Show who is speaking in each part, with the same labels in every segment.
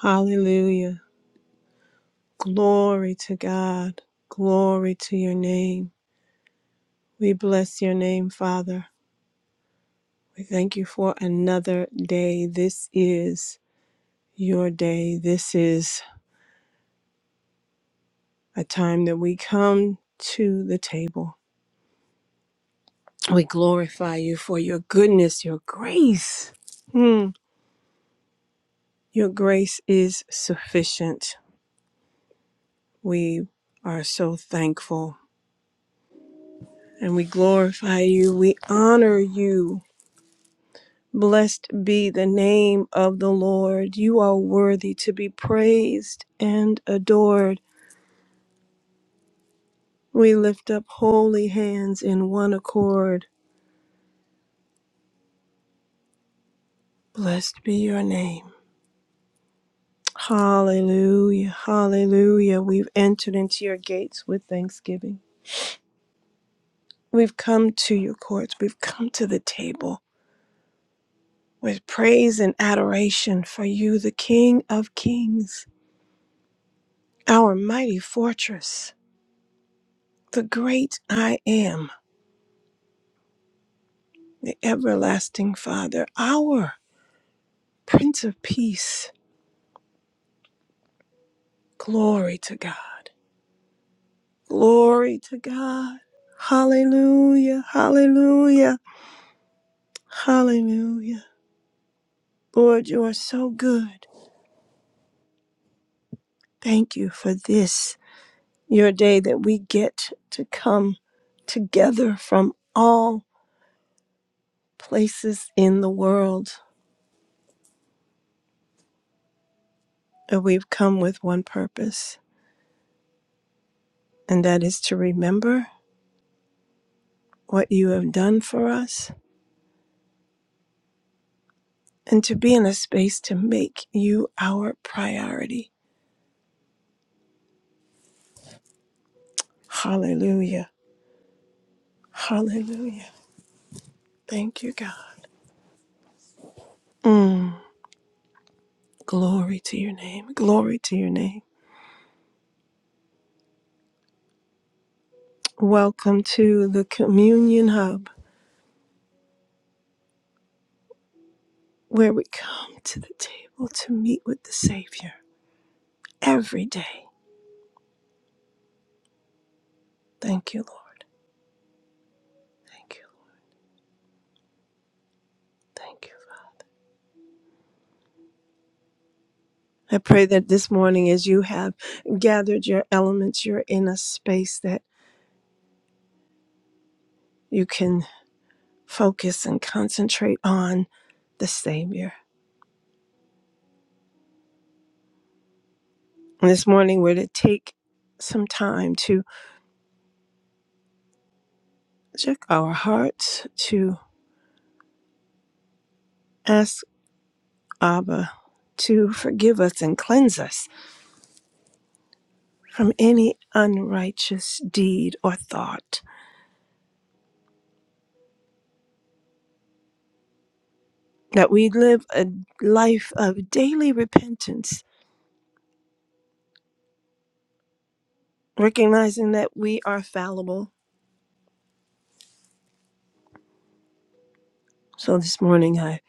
Speaker 1: Hallelujah. Glory to God. Glory to your name. We bless your name, Father. We thank you for another day. This is your day. This is a time that we come to the table. We glorify you for your goodness, your grace. Hmm. Your grace is sufficient. We are so thankful and we glorify you. We honor you. Blessed be the name of the Lord. You are worthy to be praised and adored. We lift up holy hands in one accord. Blessed be your name. Hallelujah. Hallelujah. We've entered into your gates with thanksgiving. We've come to your courts. We've come to the table with praise and adoration for you, the King of Kings, our mighty fortress, the great I am. the everlasting Father, our Prince of Peace. Glory to God. Glory to God. Hallelujah. Hallelujah. Hallelujah. Lord, you are so good. Thank you for this, your day that we get to come together from all places in the world. And we've come with one purpose, and that is to remember what you have done for us and to be in a space to make you our priority. Hallelujah. Hallelujah. Thank you, God. Mm, glory to your name. Glory to your name. Welcome to the Communion Hub, where we come to the table to meet with the Savior every day. Thank you, Lord. Thank you. Thank you. Father. I pray that this morning, as you have gathered your elements, you're in a space that you can. focus and concentrate on the Savior. And this morning, we're to take some time to check our hearts, to ask Abba to forgive us and cleanse us from any unrighteous deed or thought. That we live a life of daily repentance, recognizing that we are fallible. So this morning, I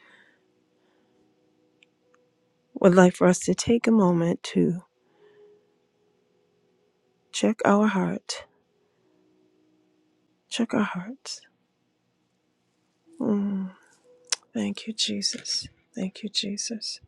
Speaker 1: would like for us to take a moment to check our heart, check our hearts. Mm. Thank you, Jesus. Thank you, Jesus.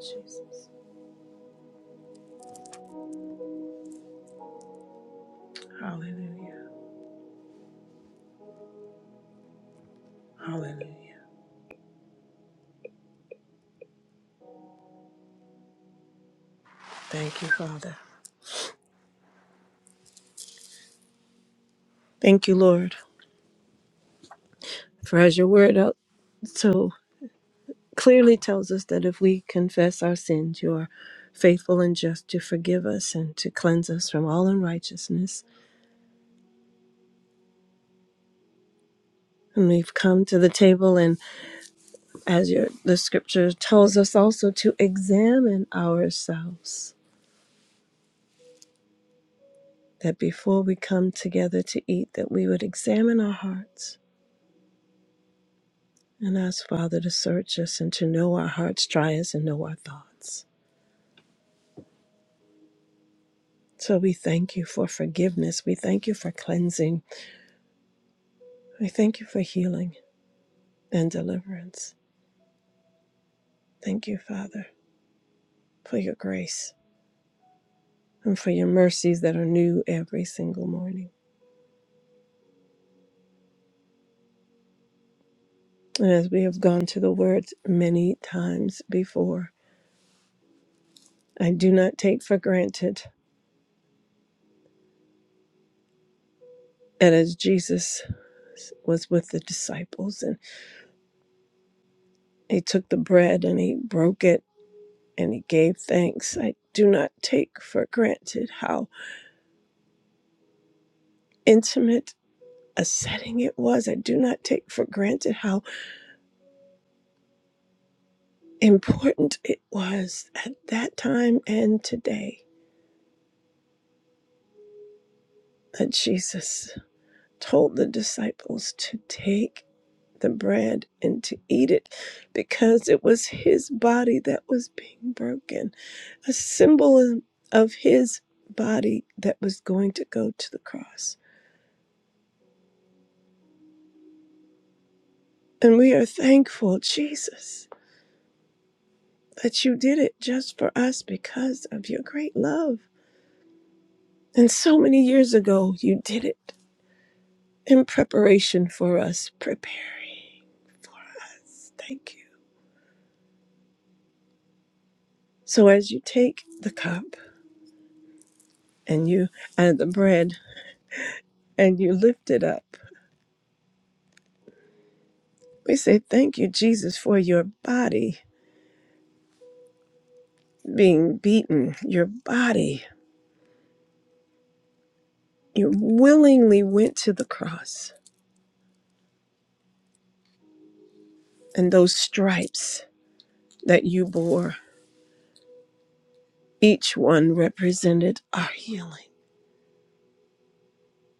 Speaker 1: Jesus. Hallelujah. Hallelujah. Thank you, Father. Thank you, Lord, for as your word out so clearly tells us that if we confess our sins, you are faithful and just to forgive us and to cleanse us from all unrighteousness. And we've come to the table, and as your, the scripture tells us also to examine ourselves, that before we come together to eat, that we would examine our hearts And ask, Father, to search us and to know our hearts, try us, and know our thoughts. So we thank you for forgiveness. We thank you for cleansing. We thank you for healing and deliverance. Thank you, Father, for your grace and for your mercies that are new every single morning. And as we have gone to the Word many times before, I do not take for granted that as Jesus was with the disciples and he took the bread and he broke it and he gave thanks. I do not take for granted how intimate a setting it was. I do not take for granted how important it was at that time and today that Jesus told the disciples to take the bread and to eat it because it was his body that was being broken, a symbol of his body that was going to go to the cross. And we are thankful, Jesus. that you did it just for us because of your great love. And so many years ago, you did it in preparation for us, preparing. Thank you. So as you take the cup and you and the bread and you lift it up, we say thank you, Jesus, for your body being beaten, your body. You willingly went to the cross, and those stripes that you bore, each one represented our healing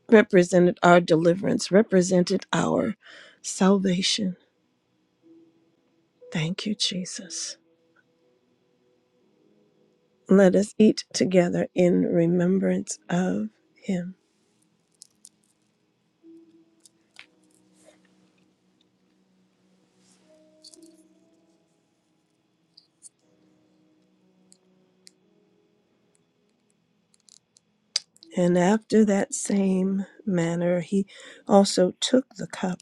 Speaker 1: represented our deliverance, represented our salvation. Thank you, Jesus. Let us eat together in remembrance of him. And after that same manner, he also took the cup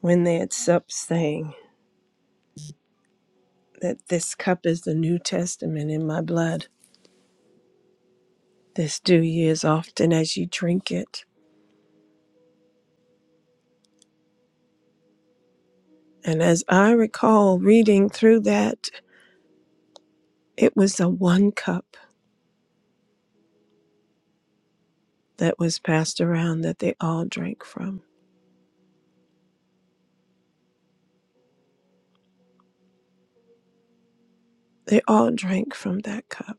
Speaker 1: when they had supped, saying, That this cup is the New Testament in my blood. This do ye as often as ye drink it. And as I recall reading through that, it was a one cup that was passed around that they all drank from. They all drank from that cup.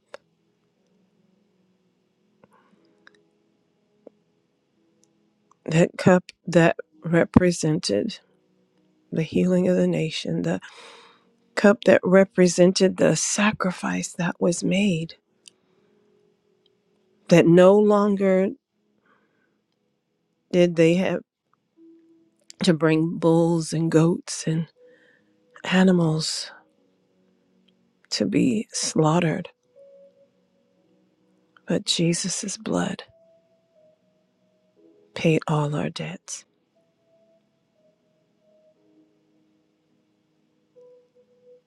Speaker 1: That cup that represented the healing of the nation, the cup that represented the sacrifice that was made, that no longer did they have to bring bulls and goats and animals to be slaughtered, but Jesus' blood paid all our debts.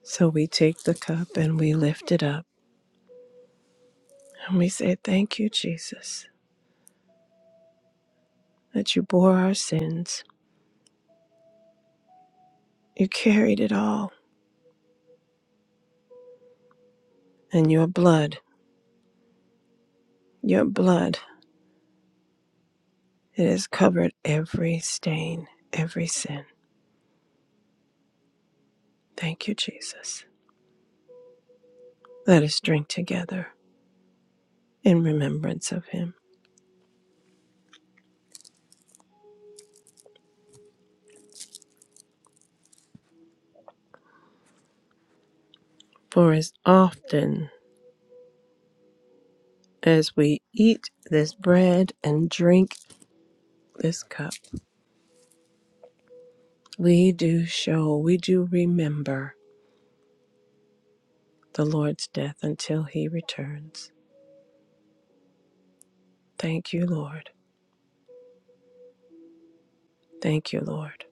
Speaker 1: So we take the cup and we lift it up and we say, Thank you, Jesus. that you bore our sins. You carried it all, and your blood, your blood, it has covered every stain, every sin. Thank you, Jesus. Let us drink together in remembrance of him. For as often as we eat this bread and drink this cup, we do show, we do remember the Lord's death until he returns. Thank you, Lord. Thank you, Lord,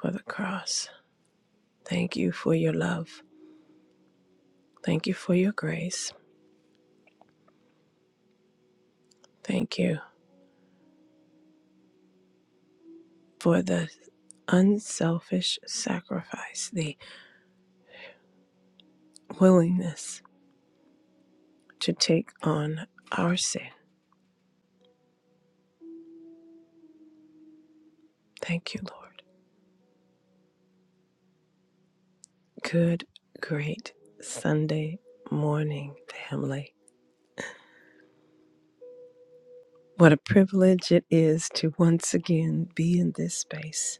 Speaker 1: for the cross. Thank you for your love. Thank you for your grace. Thank you for the unselfish sacrifice, the willingness to take on our sin. Thank you, Lord. Good, great Sunday morning, family. What a privilege it is to once again be in this space,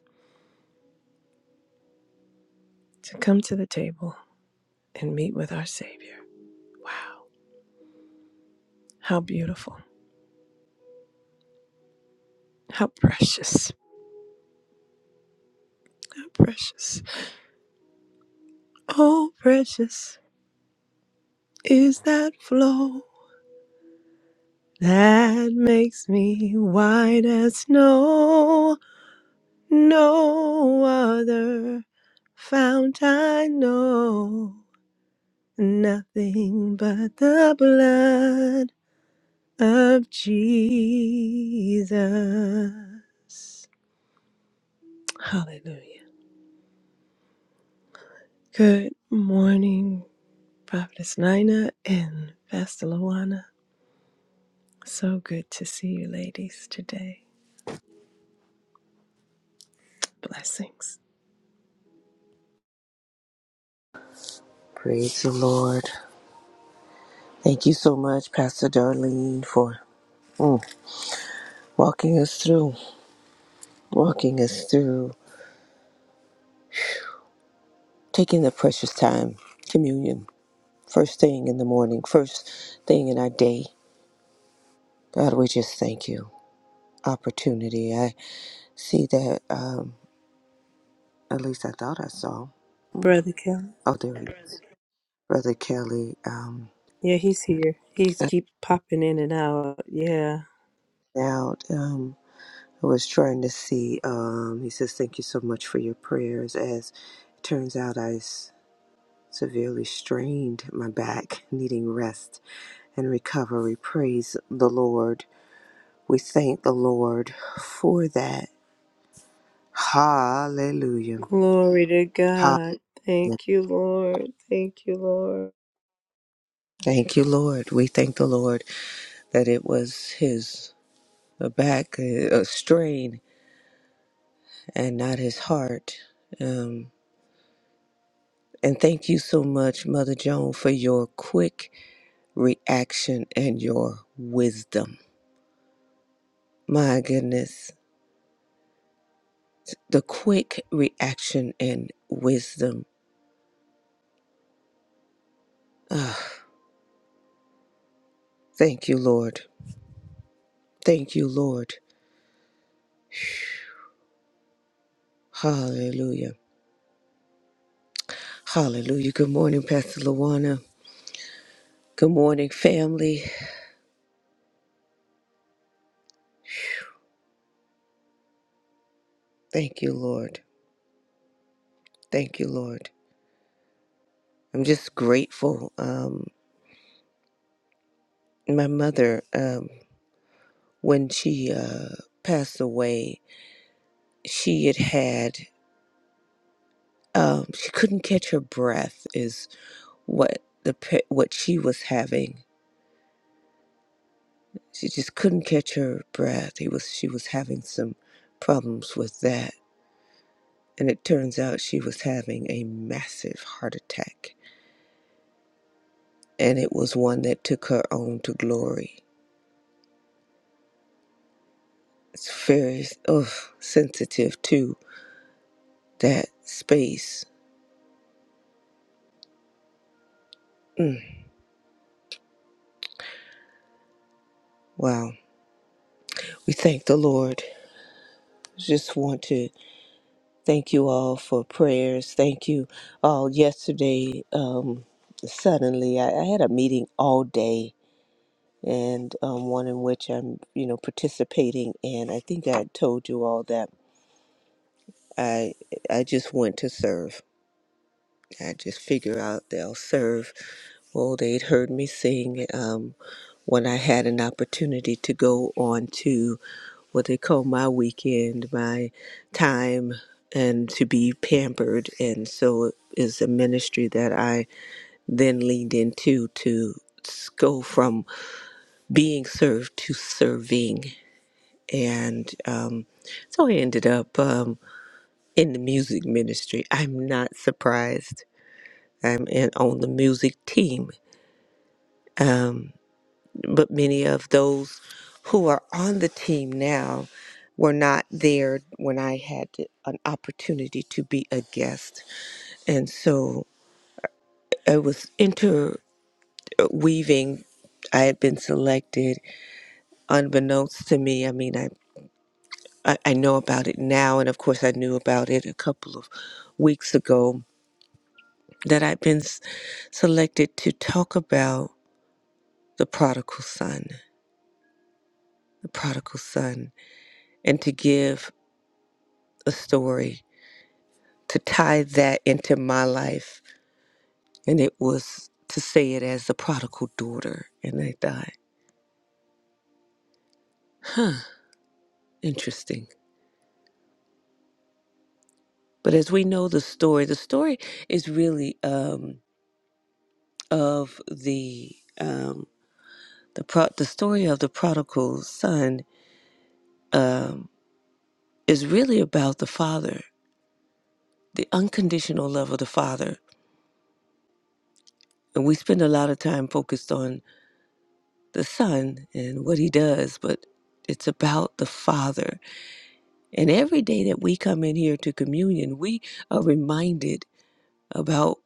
Speaker 1: to come to the table and meet with our Savior. Wow, how beautiful, how precious, how precious. Oh, precious. is that flow that makes me white as snow. No other fount I know, nothing but the blood of Jesus. Hallelujah. Good morning, Prophetess Nina and Pastor Luana. So good to see you ladies today. Blessings.
Speaker 2: Praise the Lord. Thank you so much, Pastor Darlene, for mm, walking us through, walking us through, taking the precious time, communion, first thing in the morning, first thing in our day. God, we just thank you. Opportunity. I see that, um, at least I thought I saw.
Speaker 1: Brother Kelly.
Speaker 2: Oh, there he is. Brother Kelly. Um,
Speaker 1: Yeah, he's here. He's keep popping in and out. Yeah.
Speaker 2: out. Um, I was trying to see. Um, he says, Thank you so much for your prayers. As it turns out, I. severely strained my back, needing rest and recovery. Praise the Lord. We thank the Lord for that. Hallelujah.
Speaker 1: Glory to
Speaker 2: Hallelujah.
Speaker 1: God. Thank you, Lord. Thank you, Lord.
Speaker 2: Thank you, Lord. We thank the Lord that it was his back uh, strain and not his heart. Um, and thank you so much, Mother Joan, for your quick reaction and your wisdom. My goodness. the quick reaction and wisdom. Ah, thank you, Lord. Thank you, Lord. Hallelujah. Hallelujah. Good morning, Pastor Luana. Good morning, family. Thank you, Lord. Thank you, Lord. I'm just grateful. Um, my mother, um, when she uh, passed away, she had had um, she couldn't catch her breath. Is what the pa- what she was having She just couldn't catch her breath. He was she was having some problems with that. And it turns out she was having a massive heart attack. And it was one that took her on to glory. It's very oh, sensitive to that space. Mm, wow. We thank the Lord. Just want to thank you all for prayers. Thank you all. Yesterday, um, suddenly, I, I had a meeting all day and um, one in which I'm, you know, participating in. I think I told you all that I I just went to serve. I just figure out they'll serve. Well, they'd heard me sing um, when I had an opportunity to go on to what they call my weekend, my time, and to be pampered. And so it is a ministry that I then leaned into to s- go from being served to serving and um, so I ended up um, in the music ministry. I'm not surprised. I'm in, on the music team, um, but many of those who are on the team now were not there when I had an opportunity to be a guest, and so I was interweaving. I had been selected, unbeknownst to me. I mean, I I, I know about it now, and of course, I knew about it a couple of weeks ago that I've been s- selected to talk about the prodigal son, the prodigal son, and to give a story to tie that into my life. And it was to say it as the prodigal daughter. And I thought, interesting. But as we know the story, the story is really um, of the um, the pro- the story of the prodigal son um, is really about the Father, the unconditional love of the Father. And we spend a lot of time focused on the Son and what he does, but it's about the Father. And every day that we come in here to communion, we are reminded about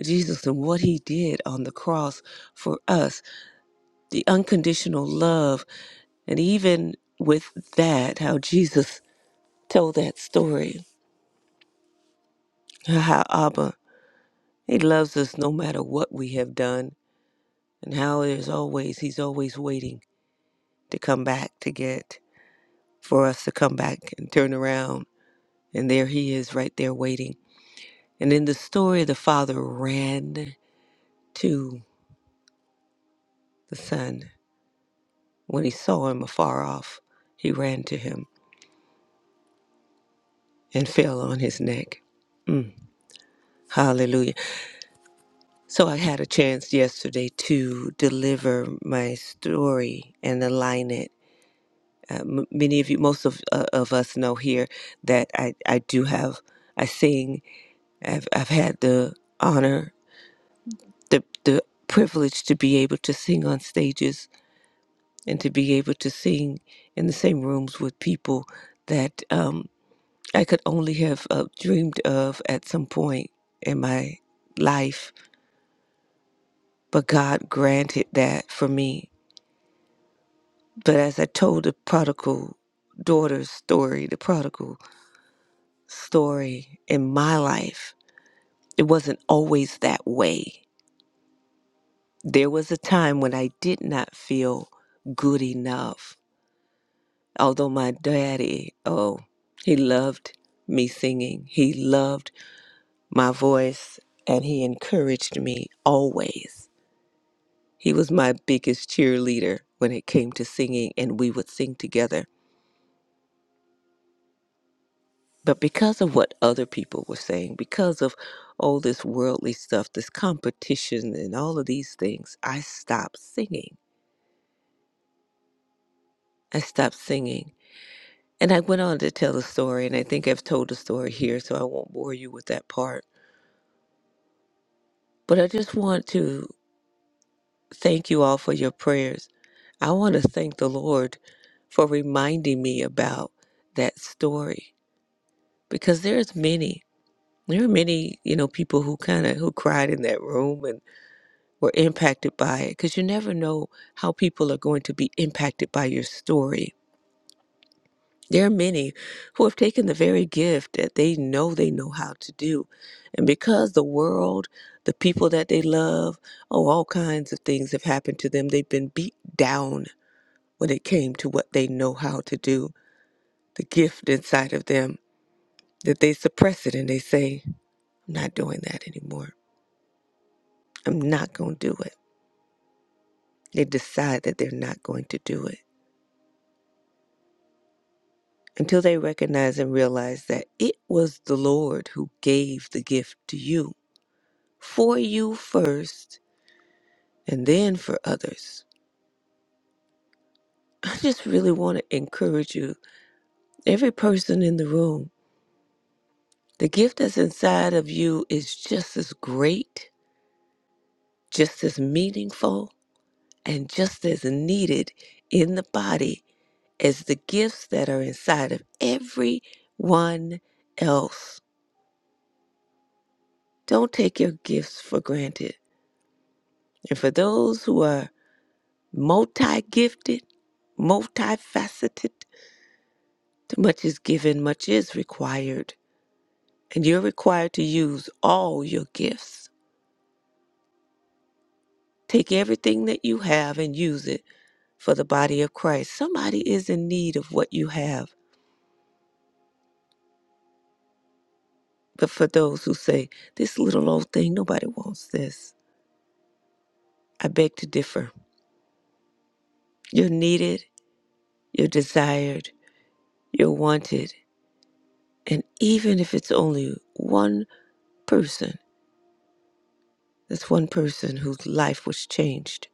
Speaker 2: Jesus and what he did on the cross for us, the unconditional love. And even with that, how Jesus told that story, how Abba, he loves us no matter what we have done and how there's always he's always waiting to come back to get for us to come back and turn around and there he is right there waiting and in the story the father ran to the son when he saw him afar off he ran to him and fell on his neck Mm, hallelujah so i had a chance yesterday to deliver my story and align it uh, m- many of you most of, uh, of us know here that I, I do have I sing I've, I've had the honor, the, the privilege to be able to sing on stages and to be able to sing in the same rooms with people that um, I could only have uh, dreamed of at some point in my life. But God granted that for me. But as I told the prodigal daughter's story, the prodigal story in my life, it wasn't always that way There was a time when I did not feel good enough. Although my daddy, oh, he loved me singing, he loved my voice, and he encouraged me always. He was my biggest cheerleader when it came to singing, and we would sing together. But because of what other people were saying, because of all this worldly stuff, this competition, and all of these things, I stopped singing. I stopped singing And I went on to tell the story, and I think I've told the story here, so I won't bore you with that part. But I just want to thank you all for your prayers. I want to thank the Lord for reminding me about that story because there's many, there are many, you know, people who kind of who cried in that room and were impacted by it because you never know how people are going to be impacted by your story There are many who have taken the very gift that they know they know how to do. And because the world, the people that they love, oh, all kinds of things have happened to them, they've been beat down when it came to what they know how to do, the gift inside of them, that they suppress it and they say, I'm not doing that anymore. I'm not going to do it. They decide that they're not going to do it until they recognize and realize that it was the Lord who gave the gift to you for you first and then for others. I just really want to encourage you, every person in the room, the gift that's inside of you is just as great, just as meaningful, and just as needed in the body as the gifts that are inside of everyone else. Don't take your gifts for granted. And for those who are multi gifted, multifaceted, much is given, much is required, and you're required to use all your gifts. Take everything that you have and use it for the body of Christ. Somebody is in need of what you have. But for those who say, this little old thing, nobody wants this, I beg to differ. You're needed, you're desired, you're wanted. And even if it's only one person, that's one person whose life was changed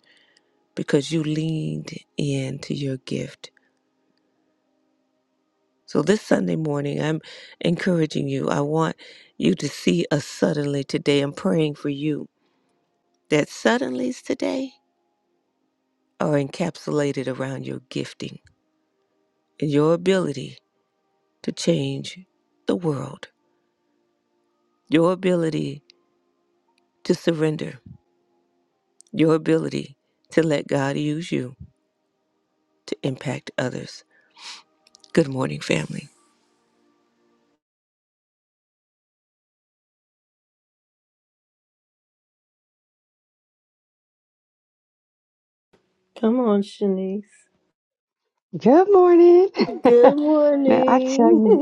Speaker 2: because you leaned into your gift So this Sunday morning, I'm encouraging you. I want you to see a suddenly today. I'm praying for you that suddenlies today are encapsulated around your gifting and your ability to change the world, your ability to surrender, your ability to let God use you to impact others. Good morning, family.
Speaker 1: Come on, Shanice.
Speaker 3: Good morning.
Speaker 1: Good
Speaker 3: Man, I tell
Speaker 1: morning.
Speaker 3: you,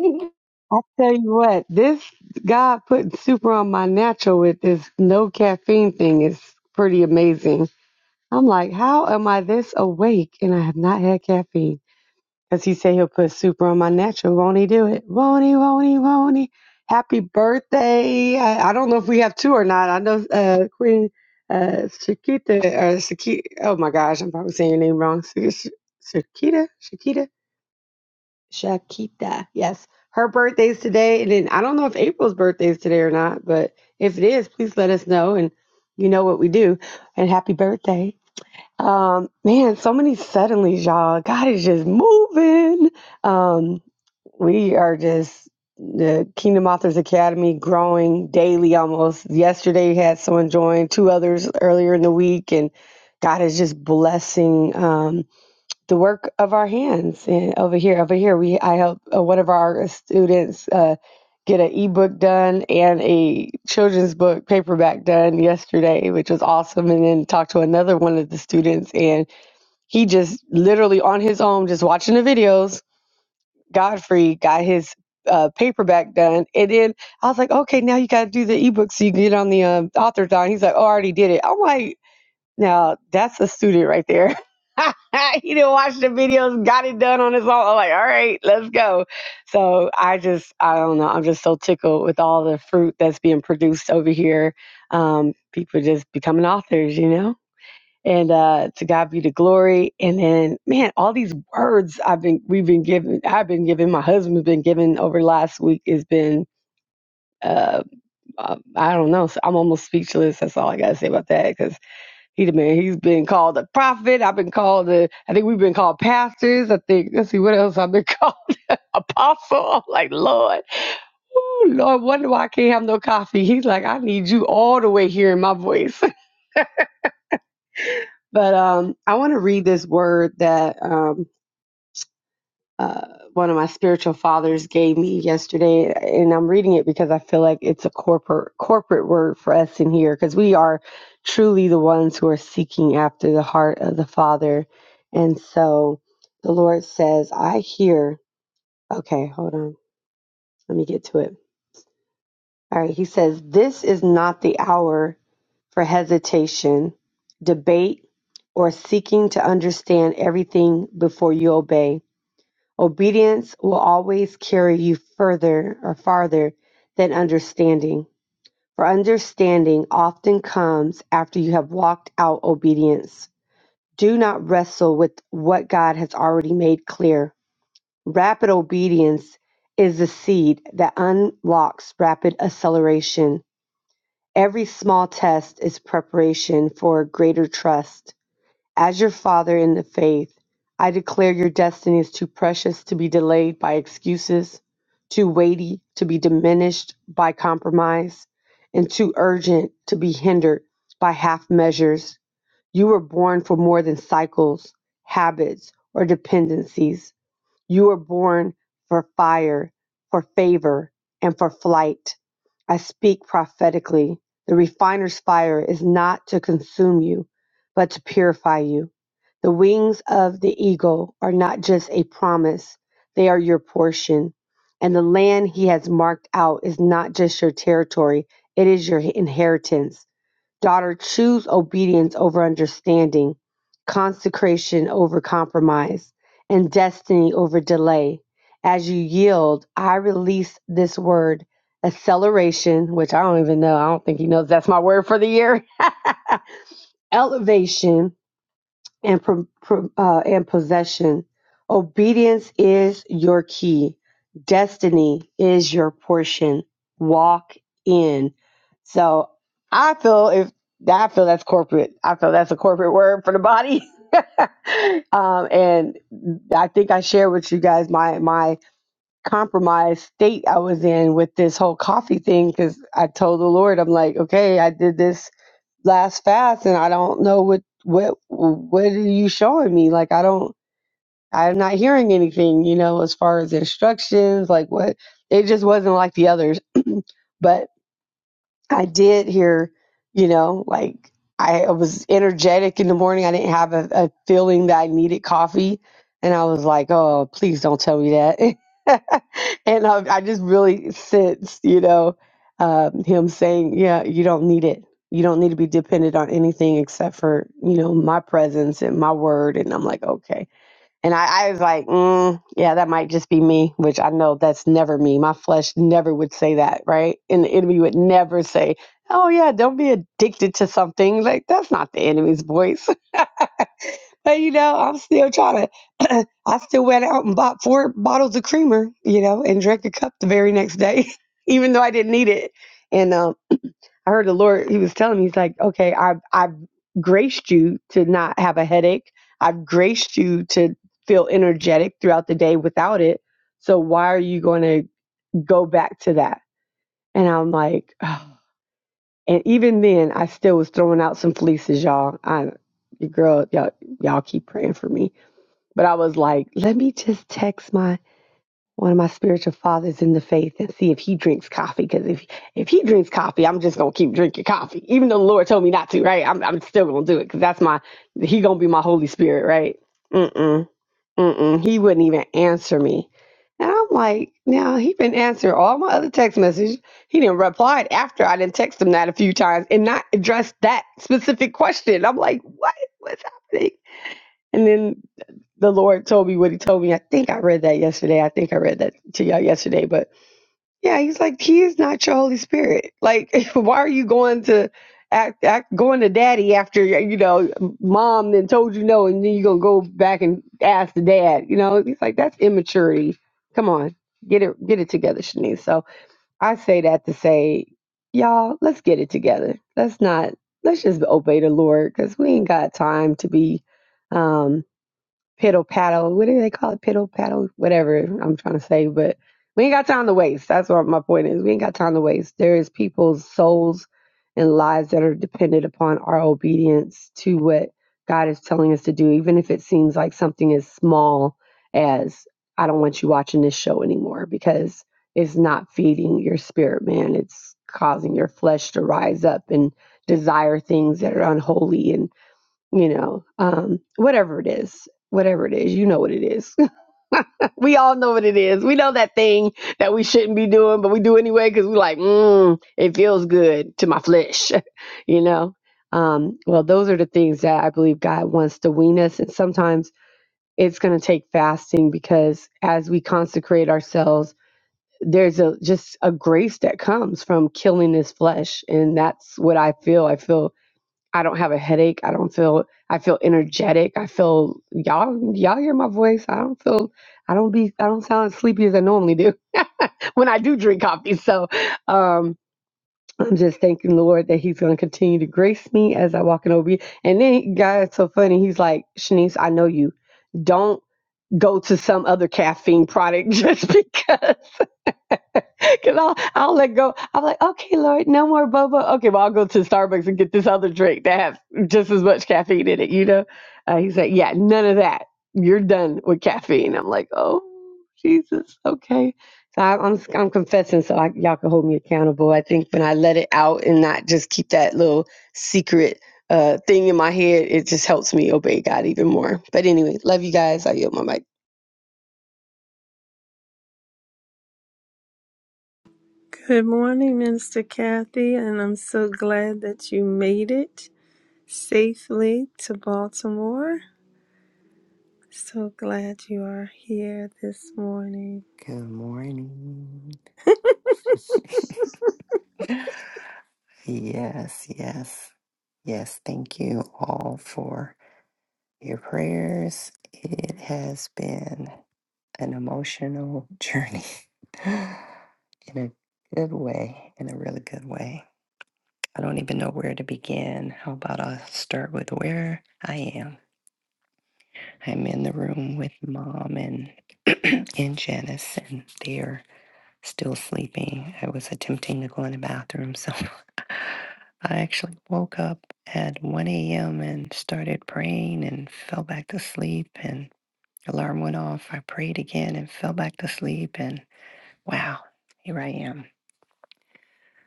Speaker 3: I tell you what, this God putting super on my natural with this no caffeine thing is pretty amazing. I'm like, how am I this awake and I have not had caffeine? Because he said he'll put super on my natural. Won't he do it? Won't he? Won't he? Won't he? Happy birthday. I, I don't know if we have two or not. I know uh, Queen uh, Shakita or Shakita. Oh my gosh, I'm probably saying your name wrong. Shakita? Shakita? Shakita. Yes. Her birthday's today. And then I don't know if April's birthday is today or not, but if it is, please let us know. And you know what we do. And happy birthday. Um, man, so many suddenlies, y'all. God is just moving. Um, we are just the Kingdom Authors Academy growing daily almost. Yesterday we had someone join, two others earlier in the week, and God is just blessing. Um, the work of our hands and over here over here we i helped uh, one of our students uh, get an ebook done and a children's book paperback done yesterday which was awesome and then talked to another one of the students and he just literally on his own just watching the videos godfrey got his uh, paperback done and then i was like okay now you got to do the ebook so you can get on the um, author's he's like oh, i already did it i'm like now that's a student right there. he didn't watch the videos, got it done on his own. I'm like, all right, let's go. So I just, I don't know. I'm just so tickled with all the fruit that's being produced over here. Um, people just becoming authors, you know. And uh, to God be the glory. And then, man, all these words I've been, we've been given, I've been given, my husband's been given over the last week has been, uh, uh, I don't know. So I'm almost speechless. That's all I gotta say about that 'cause he the man. He's been called a prophet. I've been called a. I think we've been called pastors. I think. Let's see what else I've been called. Apostle. I'm like Lord. Ooh, Lord, wonder why I can't have no coffee. He's like, I need you all the way hearing my voice. But um, I want to read this word that um uh, one of my spiritual fathers gave me yesterday, and I'm reading it because I feel like it's a corporate corporate word for us in here because we are truly the ones who are seeking after the heart of the Father, and so the Lord says, "I hear." Okay, hold on, let me get to it. All right, He says, "This is not the hour for hesitation, debate, or seeking to understand everything before you obey." Obedience will always carry you further or farther than understanding, for understanding often comes after you have walked out obedience. Do not wrestle with what God has already made clear. Rapid obedience is the seed that unlocks rapid acceleration. Every small test is preparation for greater trust. As your father in the faith, I declare your destiny is too precious to be delayed by excuses, too weighty to be diminished by compromise, and too urgent to be hindered by half measures. You were born for more than cycles, habits, or dependencies. You were born for fire, for favor, and for flight. I speak prophetically. The refiner's fire is not to consume you, but to purify you. The wings of the eagle are not just a promise, they are your portion. And the land he has marked out is not just your territory, it is your inheritance. Daughter, choose obedience over understanding, consecration over compromise, and destiny over delay. As you yield, I release this word acceleration, which I don't even know. I don't think he knows that's my word for the year. Elevation and, pro- pro- uh, and possession. Obedience is your key. Destiny is your portion. Walk in. So I feel if I feel that's corporate. I feel that's a corporate word for the body. um, and I think I shared with you guys my my compromised state I was in with this whole coffee thing because I told the Lord I'm like, okay, I did this last fast and I don't know what what what are you showing me? Like I don't I'm not hearing anything, you know, as far as instructions, like what it just wasn't like the others. but I did hear, you know, like I was energetic in the morning. I didn't have a, a feeling that I needed coffee. And I was like, oh, please don't tell me that. and I, I just really sensed, you know, um, him saying, yeah, you don't need it. You don't need to be dependent on anything except for, you know, my presence and my word. And I'm like, okay. And I, I was like, mm, yeah, that might just be me, which I know that's never me. My flesh never would say that, right? And the enemy would never say, oh, yeah, don't be addicted to something. Like, that's not the enemy's voice. But, you know, I'm still trying to, I still went out and bought four bottles of creamer, you know, and drank a cup the very next day, even though I didn't need it. And um, I heard the Lord, he was telling me, he's like, okay, I've, I've graced you to not have a headache. I've graced you to feel energetic throughout the day without it. So why are you going to go back to that? And I'm like, oh. and even then, I still was throwing out some fleeces, y'all. I, your girl, y'all, y'all keep praying for me. But I was like, let me just text my one of my spiritual fathers in the faith and see if he drinks coffee. Because if if he drinks coffee, I'm just gonna keep drinking coffee, even though the Lord told me not to. Right? I'm I'm still gonna do it because that's my he gonna be my Holy Spirit. Right? Mm-mm, mm-mm. He wouldn't even answer me, and I'm like, now he been answering all my other text messages. He didn't reply after I didn't text him that a few times and not address that specific question. I'm like, what? What's happening? And then the Lord told me what he told me. I think I read that yesterday. I think I read that to y'all yesterday. But yeah, he's like, he is not your Holy Spirit. Like, why are you going to act, act going to daddy after, you know, mom then told you no, and then you're going to go back and ask the dad, you know, he's like, that's immaturity. Come on, get it, get it together, Shanice. So I say that to say, y'all, let's get it together. Let's not, let's just obey the Lord because we ain't got time to be, um, piddle paddle. What do they call it? Piddle paddle, whatever I'm trying to say. But we ain't got time to waste. That's what my point is. We ain't got time to waste. There is people's souls and lives that are dependent upon our obedience to what God is telling us to do, even if it seems like something as small as I don't want you watching this show anymore because it's not feeding your spirit, man. It's causing your flesh to rise up and desire things that are unholy and you know, um, whatever it is, whatever it is, you know what it is. we all know what it is. We know that thing that we shouldn't be doing, but we do anyway because we're like, mm, it feels good to my flesh, you know. Um, well, those are the things that I believe God wants to wean us, and sometimes it's going to take fasting because as we consecrate ourselves. There's a just a grace that comes from killing this flesh, and that's what I feel. I feel I don't have a headache. I don't feel I feel energetic. I feel y'all y'all hear my voice. I don't feel I don't be I don't sound as sleepy as I normally do when I do drink coffee. So um I'm just thanking the Lord that He's gonna continue to grace me as I walk in over. And then guys it's so funny, he's like, Shanice, I know you. Don't go to some other caffeine product just because Cause I'll I'll let go. I'm like, okay, Lord, no more boba. Okay, well I'll go to Starbucks and get this other drink that has just as much caffeine in it. You know, uh, he said, yeah, none of that. You're done with caffeine. I'm like, oh Jesus, okay. So I, I'm I'm confessing, so I, y'all can hold me accountable. I think when I let it out and not just keep that little secret uh, thing in my head, it just helps me obey God even more. But anyway, love you guys. I yield my mic.
Speaker 1: Good morning, Minister Kathy, and I'm so glad that you made it safely to Baltimore. So glad you are here this morning.
Speaker 4: Good morning. Yes, yes, yes. Thank you all for your prayers. It has been an emotional journey in a good way, in a really good way. I don't even know where to begin. How about I start with where I am? I'm in the room with mom and and Janice, and they are still sleeping. I was attempting to go in the bathroom, so I actually woke up at 1 a.m. and started praying and fell back to sleep. And alarm went off. I prayed again and fell back to sleep. And wow, here I am.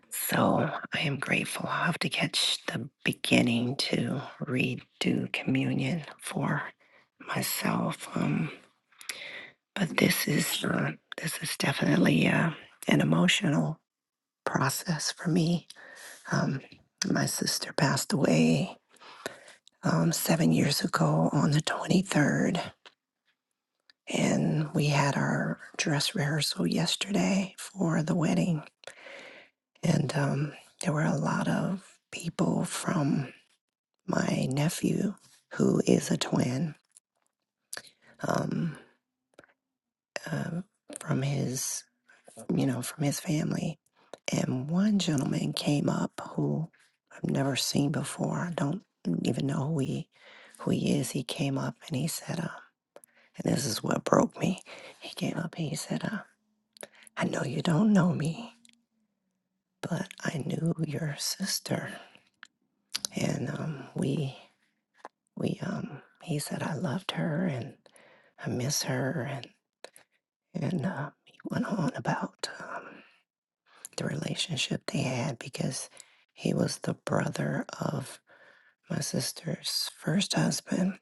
Speaker 4: So I am grateful. I'll have to catch the beginning to redo communion for myself. Um, but this is uh, this is definitely uh, an emotional process for me Um, my sister passed away um, seven years ago on the 23rd, and we had our dress rehearsal yesterday for the wedding. And um, there were a lot of people from my nephew, who is a twin, um, uh, from his you know, from his family. And one gentleman came up who I've never seen before. I don't even know who he, who he is. He came up and he said, uh, and this is what broke me. He came up and he said, uh, I know you don't know me, but I knew your sister. And um, we, we, um, he said, I loved her and I miss her. And, and uh, he went on about. um, the relationship they had because he was the brother of my sister's first husband,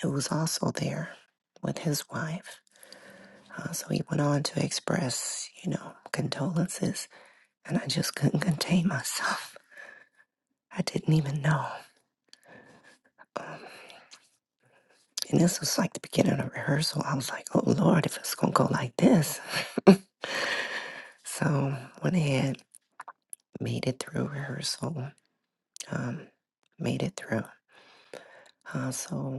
Speaker 4: who was also there with his wife. Uh, so he went on to express, you know, condolences, and I just couldn't contain myself. I didn't even know. Um, and this was like the beginning of rehearsal. I was like, oh Lord, if it's going to go like this. So went ahead, made it through rehearsal, um, made it through. Uh, so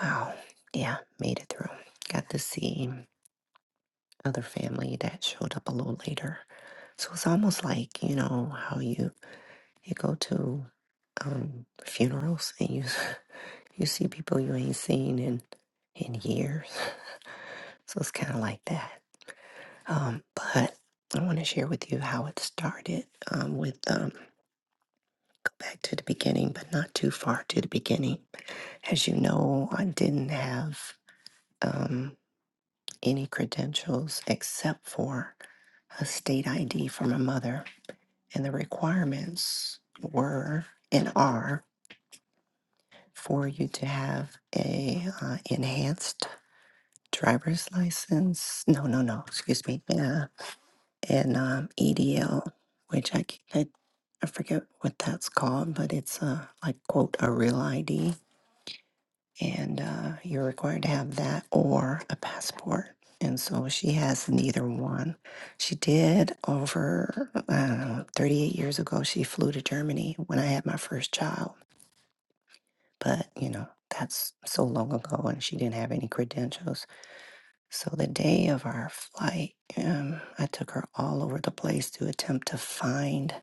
Speaker 4: Wow. Yeah, made it through. Got to see other family that showed up a little later. So it's almost like, you know, how you you go to um funerals and you you see people you ain't seen in in years. So it's kind of like that. Um but I want to share with you how it started um, with um, go back to the beginning, but not too far to the beginning. As you know, I didn't have um, any credentials except for a state ID from a mother, and the requirements were and are for you to have a uh, enhanced driver's license. No, no, no. Excuse me. Yeah, and um, EDL, which I, c- I I forget what that's called, but it's uh, like quote a real ID and uh, you're required to have that or a passport. And so she has neither one. She did over uh, 38 years ago. She flew to Germany when I had my first child, but you know that's so long ago, and she didn't have any credentials. So the day of our flight, um, I took her all over the place to attempt to find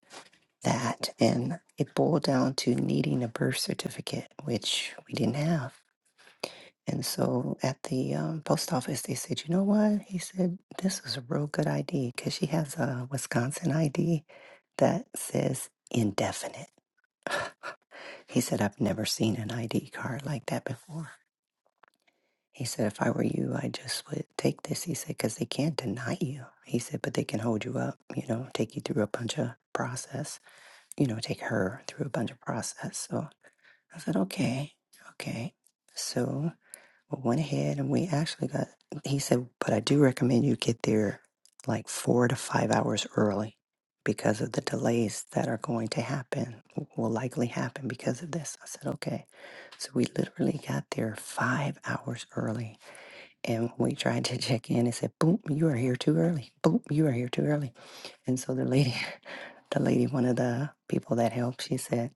Speaker 4: that, and it boiled down to needing a birth certificate, which we didn't have. And so at the um, post office, they said, you know what? He said, this is a real good ID because she has a Wisconsin ID that says indefinite. He said, I've never seen an ID card like that before. He said, if I were you, I just would take this. He said, because they can't deny you. He said, but they can hold you up, you know, take you through a bunch of process, you know, take her through a bunch of process. So I said, okay, okay. So I went ahead and we actually got, he said, but I do recommend you get there like four to five hours early because of the delays that are going to happen, will likely happen because of this. I said, okay. So we literally got there five hours early and we tried to check in and said, boom, you are here too early. Boom, you are here too early. And so the lady, the lady, one of the people that helped, she said,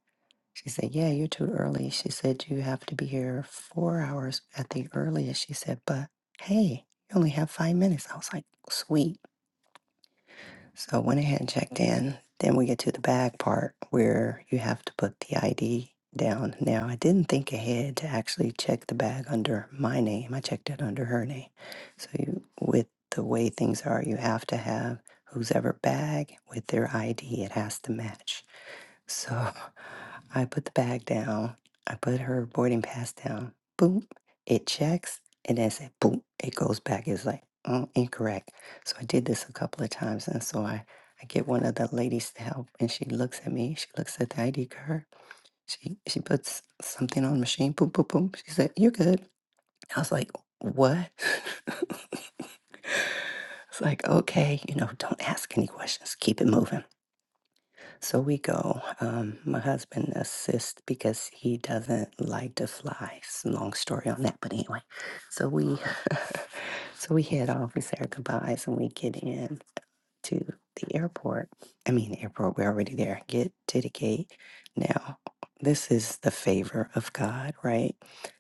Speaker 4: she said, Yeah, you're too early. She said, You have to be here four hours at the earliest. She said, But hey, you only have five minutes. I was like, Sweet. So I went ahead and checked in. Then we get to the bag part where you have to put the ID down. Now, I didn't think ahead to actually check the bag under my name, I checked it under her name. So, you, with the way things are, you have to have who's bag with their ID, it has to match. So I put the bag down. I put her boarding pass down. Boop. It checks. And then said, boop. It goes back. It's like, oh, incorrect. So I did this a couple of times. And so I, I get one of the ladies to help. And she looks at me. She looks at the ID card. She, she puts something on the machine. Boop, boop, boop. She said, you're good. I was like, what? it's like, okay, you know, don't ask any questions. Keep it moving. So we go. Um, my husband assists because he doesn't like to fly. It's a long story on that, but anyway. So we so we head off, we say our goodbyes and we get in to the airport. I mean, airport, we're already there. Get to the gate. Now, this is the favor of God, right?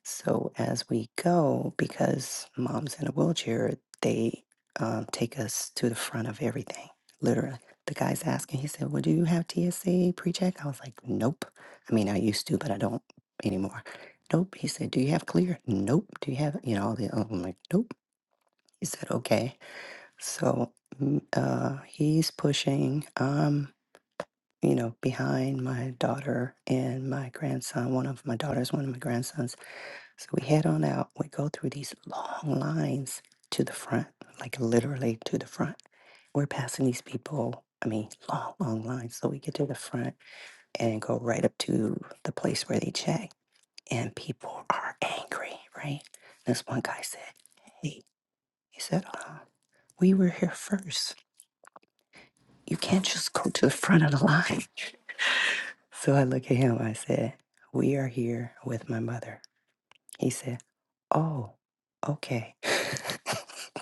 Speaker 4: So as we go, because mom's in a wheelchair, they um, take us to the front of everything, literally. The guy's asking, he said, Well, do you have TSA pre check? I was like, Nope. I mean, I used to, but I don't anymore. Nope. He said, Do you have clear? Nope. Do you have, you know, all the, I'm like, Nope. He said, Okay. So mm, uh, he's pushing. I'm, you know, behind my daughter and my grandson. One of my daughters, one of my grandsons. So we head on out. We go through these long lines to the front, like literally to the front. We're passing these people. I mean, long, long lines. So we get to the front and go right up to the place where they check. And people are angry, right? This one guy said, Hey, he said, uh, we were here first You can't just go to the front of the line. So I look at him. I said, We are here with my mother. He said, Oh, okay.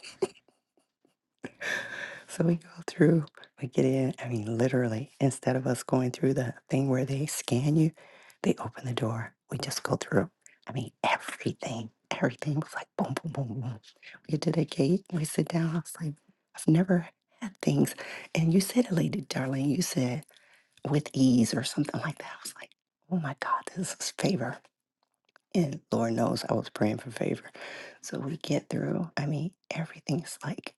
Speaker 4: so we go through, we get in. I mean, literally, instead of us going through the thing where they scan you, they open the door. We just go through. I mean, everything, everything was like boom, boom, boom, boom. We get to the gate, we sit down. I was like, I've never had things. And you said it, Lady Darling, you said, with ease or something like that. I was like, oh my God, this is favor. And Lord knows I was praying for favor. So we get through. I mean, everything's like,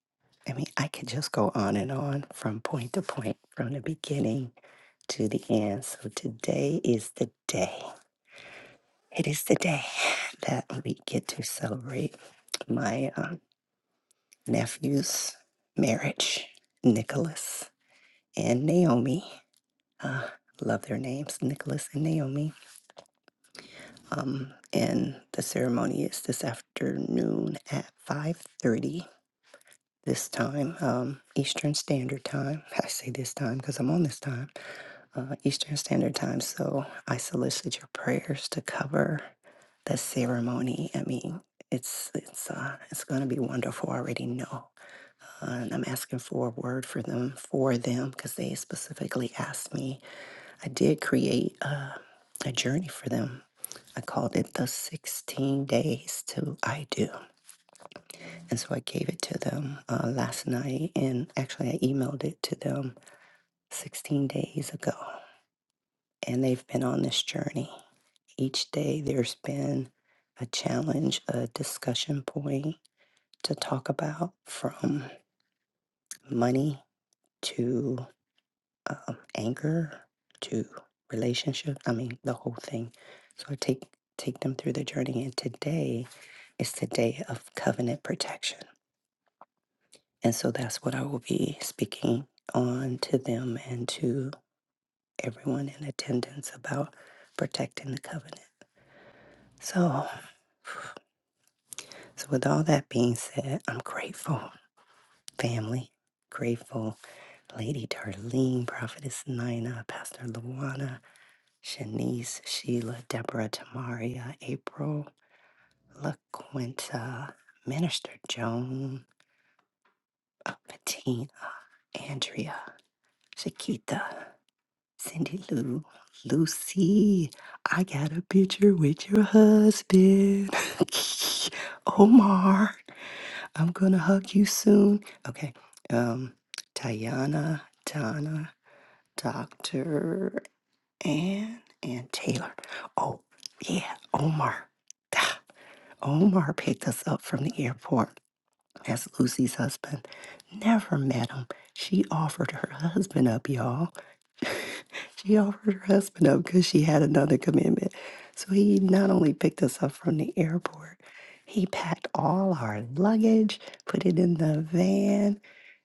Speaker 4: I mean, I could just go on and on from point to point, from the beginning to the end. So today is the day. It is the day that we get to celebrate my um, nephew's marriage, Nicholas and Naomi. Uh, love their names, Nicholas and Naomi Um, and the ceremony is this afternoon at 5.30 this time, um, Eastern Standard Time. I say this time because I'm on this time, uh, Eastern Standard Time. So I solicit your prayers to cover the ceremony. I mean, it's it's uh, it's going to be wonderful. I already know, uh, and I'm asking for a word for them for them because they specifically asked me. I did create uh, a journey for them I called it the 16 days to I do. And so I gave it to them uh, last night. And actually, I emailed it to them 16 days ago. And they've been on this journey. Each day, there's been a challenge, a discussion point to talk about from money to um, anger to relationship. I mean, the whole thing. So I take take them through the journey, and today is the day of covenant protection, and so that's what I will be speaking on to them and to everyone in attendance about protecting the covenant. So, so with all that being said, I'm grateful, family. Grateful, Lady Darlene, Prophetess Nina, Pastor Luana, Shanice, Sheila, Deborah, Tamaria, April, LaQuinta, Minister Joan, uh, Patina, Andrea, Shaquita, Cindy Lou, Lucy. I got a picture with your husband. Omar, I'm gonna hug you soon. Okay. Um, Tayana, Donna, Dr. Ann, and Taylor. Oh, yeah, Omar. Omar picked us up from the airport as Lucy's husband. Never met him. She offered her husband up, y'all. She offered her husband up because she had another commitment. So he not only picked us up from the airport, he packed all our luggage, put it in the van,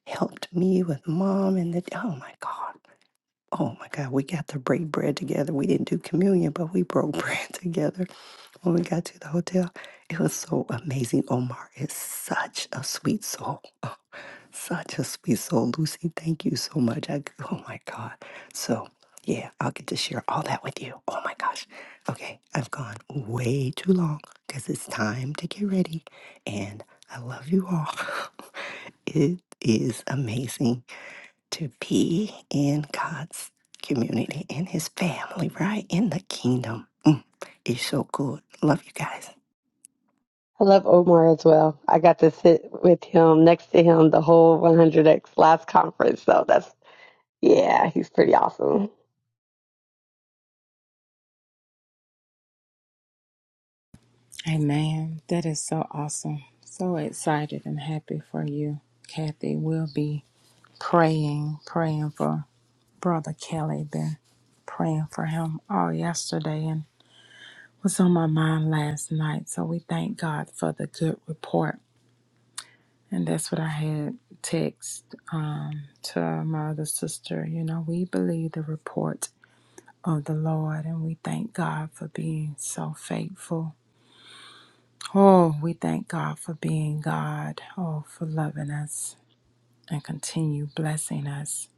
Speaker 4: helped me with mom and the oh my God. Oh my God, we got to break bread together. We didn't do communion, but we broke bread together when we got to the hotel, it was so amazing. Omar is such a sweet soul. Oh, Such a sweet soul. Lucy, thank you so much. I, oh my God. So, yeah, I'll get to share all that with you. Oh my gosh. Okay, I've gone way too long because it's time to get ready. And I love you all. It is amazing to be in God's community and his family, right? In the kingdom. Mm, it's so good. Love you guys.
Speaker 3: I love Omar as well. I got to sit with him next to him the whole 100X last conference. So that's, yeah, he's pretty awesome.
Speaker 5: Amen. That is so awesome. So excited and happy for you, Kathy. We'll be praying, praying for Brother Kelly. Been praying for him all yesterday and was on my mind last night. So we thank God for the good report. And that's what I had text um, to my other sister. You know, we believe the report of the Lord and we thank God for being so faithful Oh, we thank God for being God. Oh, for loving us and continue blessing us.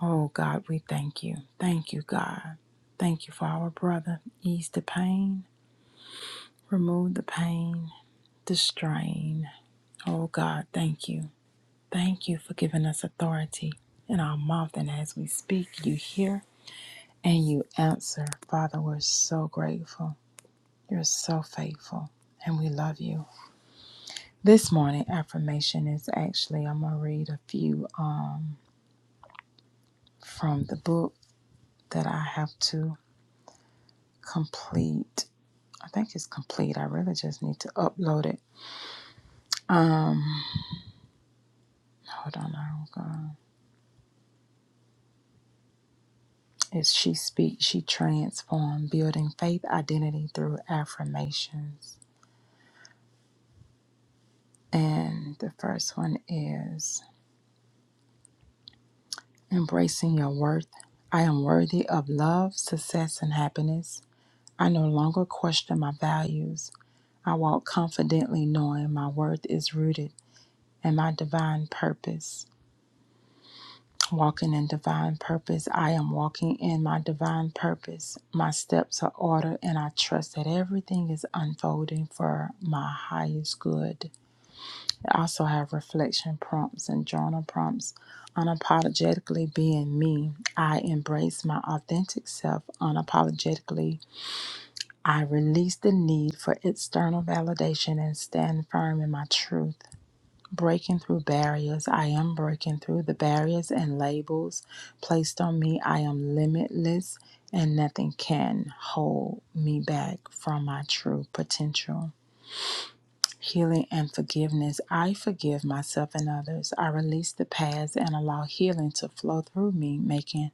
Speaker 5: Oh, God, we thank you. Thank you, God. Thank you for our brother. Ease the pain, remove the pain, the strain. Oh, God, thank you. Thank you for giving us authority in our mouth. And as we speak, you hear and you answer. Father, we're so grateful. You're so faithful, and we love you. This morning affirmation is actually I'm gonna read a few um from the book that I have to complete. I think it's complete. I really just need to upload it. Um, hold on, I'm gonna. It's she speaks, she transformed, building faith identity through affirmations. And the first one is embracing your worth. I am worthy of love, success, and happiness. I no longer question my values. I walk confidently knowing my worth is rooted in my divine purpose. Walking in divine purpose, I am walking in my divine purpose. My steps are ordered, and I trust that everything is unfolding for my highest good. I also have reflection prompts and journal prompts. Unapologetically being me, I embrace my authentic self unapologetically. I release the need for external validation and stand firm in my truth. breaking through barriers. I am breaking through the barriers and labels placed on me. I am limitless, and nothing can hold me back from my true potential. Healing and forgiveness. I forgive myself and others. I release the past and allow healing to flow through me, making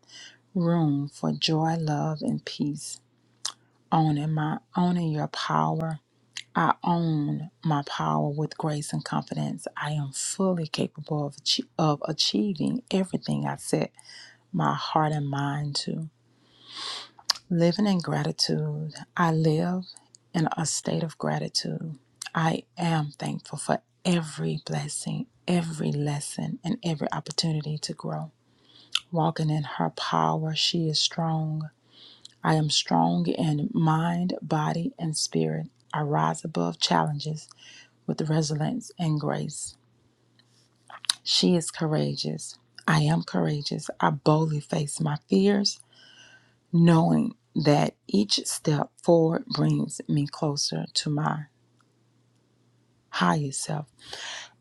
Speaker 5: room for joy, love, and peace. Owning my owning your power I own my power with grace and confidence. I am fully capable of, achie- of achieving everything I set my heart and mind to. Living in gratitude, I live in a state of gratitude. I am thankful for every blessing, every lesson, and every opportunity to grow. Walking in her power, she is strong. I am strong in mind, body, and spirit. I rise above challenges with resilience and grace. She is courageous. I am courageous. I boldly face my fears, knowing that each step forward brings me closer to my highest self.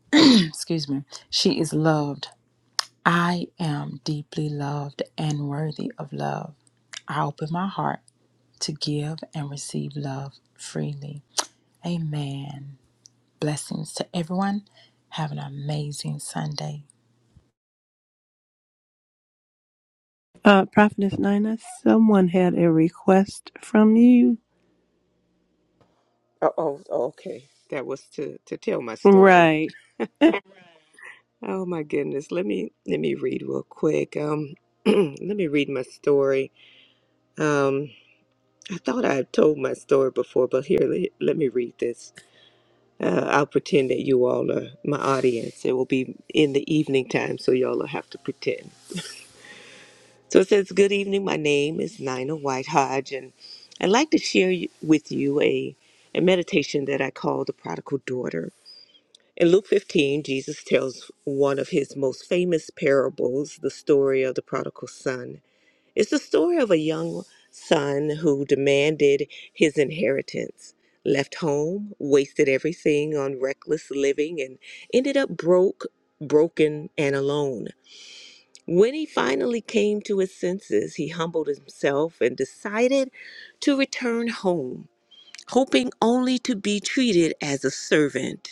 Speaker 5: Excuse me. She is loved. I am deeply loved and worthy of love. I open my heart to give and receive love freely. Amen. Blessings to everyone. Have an amazing Sunday.
Speaker 1: Uh, Prophetess Nina, someone had a request from you.
Speaker 2: Oh, oh okay. That was to to tell my story.
Speaker 1: Right.
Speaker 2: Oh my goodness. Let me let me read real quick. Um let me read my story. Um I thought I had told my story before, but here let, let me read this. Uh, I'll pretend that you all are my audience. It will be in the evening time, so y'all will have to pretend. So it says, "Good evening. My name is Nina White Hodge, and I'd like to share you- with you a a meditation that I call the Prodigal Daughter. In Luke 15, Jesus tells one of his most famous parables, the story of the prodigal son. It's the story of a young son who demanded his inheritance, left home, wasted everything on reckless living, and ended up broke, broken, and alone. When he finally came to his senses, he humbled himself and decided to return home, hoping only to be treated as a servant.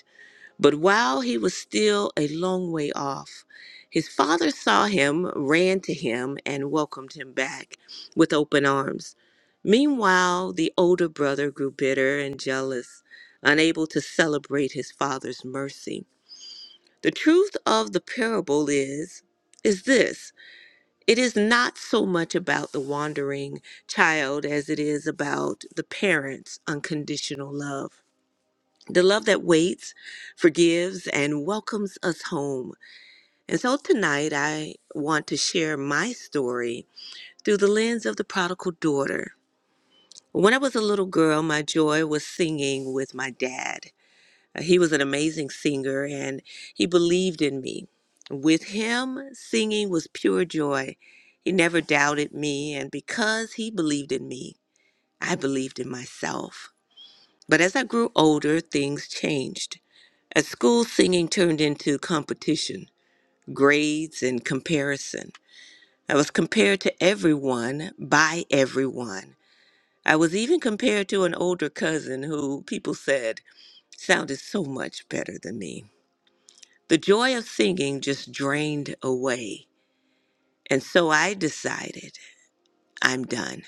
Speaker 2: But while he was still a long way off, his father saw him, ran to him, and welcomed him back with open arms. Meanwhile, the older brother grew bitter and jealous, unable to celebrate his father's mercy. The truth of the parable is is this. It is not so much about the wandering child as it is about the parent's unconditional love the love that waits, forgives, and welcomes us home. And so tonight I want to share my story through the lens of the prodigal daughter. When I was a little girl, my joy was singing with my dad. Uh, He was an amazing singer and he believed in me. With him, singing was pure joy. He never doubted me, and because he believed in me, I believed in myself. But as I grew older, things changed. At school, singing turned into competition, grades, and comparison. I was compared to everyone by everyone. I was even compared to an older cousin who people said sounded so much better than me. The joy of singing just drained away, and so I decided I'm done.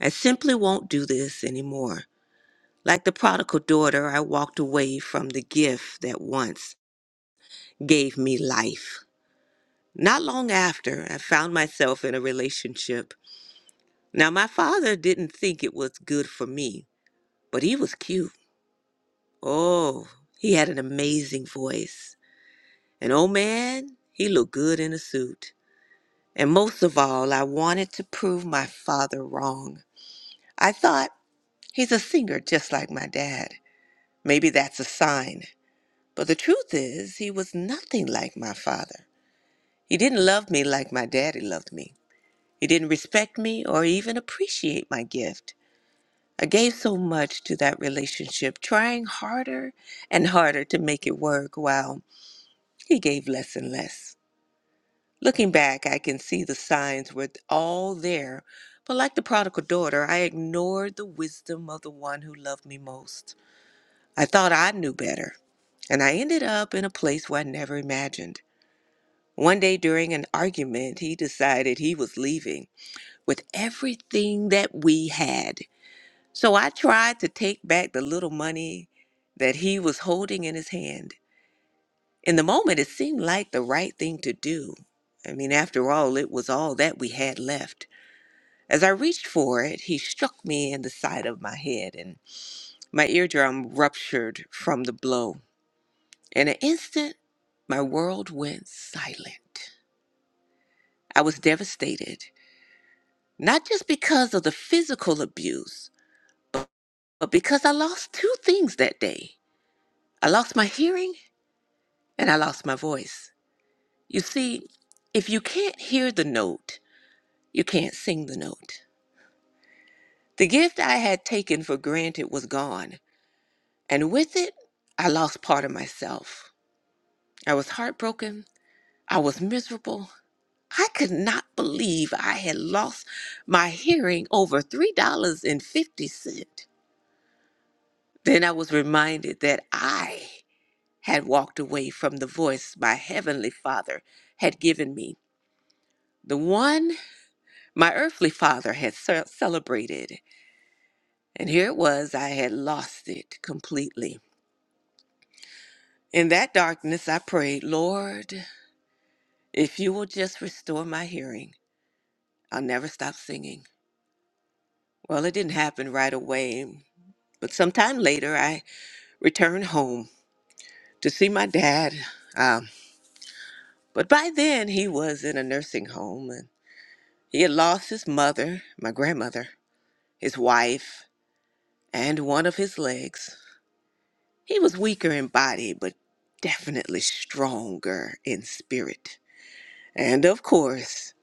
Speaker 2: I simply won't do this anymore. Like the prodigal daughter, I walked away from the gift that once gave me life. Not long after, I found myself in a relationship. Now, my father didn't think it was good for me, but he was cute. Oh, he had an amazing voice. And oh man, he looked good in a suit. And most of all, I wanted to prove my father wrong. I thought, he's a singer just like my dad. Maybe that's a sign. But the truth is, he was nothing like my father. He didn't love me like my daddy loved me. He didn't respect me or even appreciate my gift. I gave so much to that relationship, trying harder and harder to make it work while he gave less and less. Looking back, I can see the signs were all there, but like the prodigal daughter, I ignored the wisdom of the one who loved me most. I thought I knew better, and I ended up in a place where I never imagined. One day during an argument, he decided he was leaving with everything that we had. So I tried to take back the little money that he was holding in his hand. In the moment, it seemed like the right thing to do. I mean, after all, it was all that we had left. As I reached for it, he struck me in the side of my head, and my eardrum ruptured from the blow. In an instant, my world went silent. I was devastated, not just because of the physical abuse, but because I lost two things that day. I lost my hearing and I lost my voice. You see, if you can't hear the note, you can't sing the note. The gift I had taken for granted was gone, and with it, I lost part of myself. I was heartbroken. I was miserable. I could not believe I had lost my hearing over $3.50. Then I was reminded that I had walked away from the voice my Heavenly Father had given me, the one My earthly father had ce- celebrated, and here it was I had lost it completely. In that darkness, I prayed, Lord, if you will just restore my hearing, I'll never stop singing. Well, it didn't happen right away, but sometime later, I returned home to see my dad. Um, but by then, he was in a nursing home, and he had lost his mother, my grandmother, his wife, and one of his legs. He was weaker in body, but definitely stronger in spirit. And of course,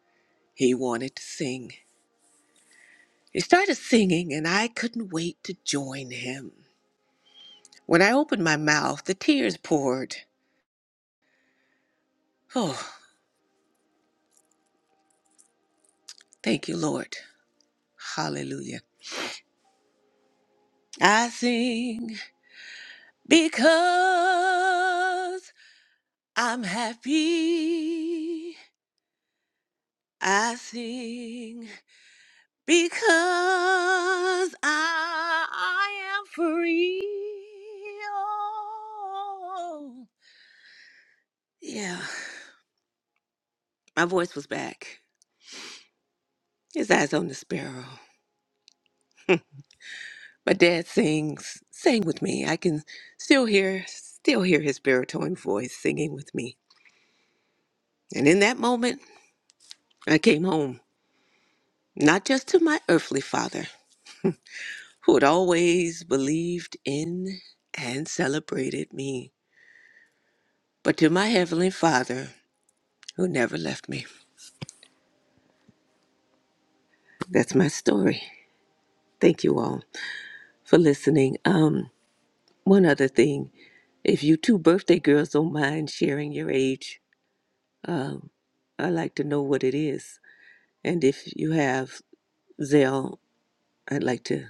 Speaker 2: he wanted to sing. He started singing, and I couldn't wait to join him. When I opened my mouth, the tears poured. Oh, thank you, Lord. Hallelujah. I sing because I'm happy. I sing Because I am free. Oh. Yeah, my voice was back. His eyes on the sparrow. My dad sings, sang with me. I can still hear, still hear his baritone voice singing with me. And in that moment, I came home, not just to my earthly father, who had always believed in and celebrated me, but to my heavenly father, who never left me. that's my story. Thank you all for listening. Um, one other thing, if you two birthday girls don't mind sharing your age, um, I'd like to know what it is. And if you have Zelle, I'd like to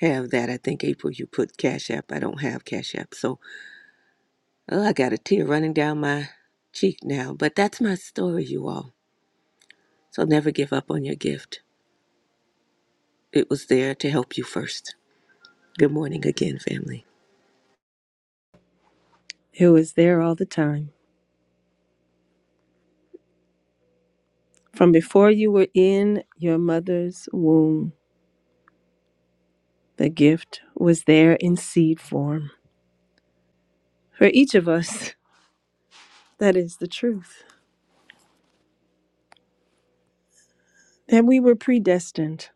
Speaker 2: have that. I think April, you put Cash App. I don't have Cash App, so oh, I got a tear running down my cheek now. But that's my story, you all. So never give up on your gift. It was there to help you first. Good morning again, family.
Speaker 1: It was there all the time. From before you were in your mother's womb, the gift was there in seed form. For each of us, that is the truth. That we were predestined,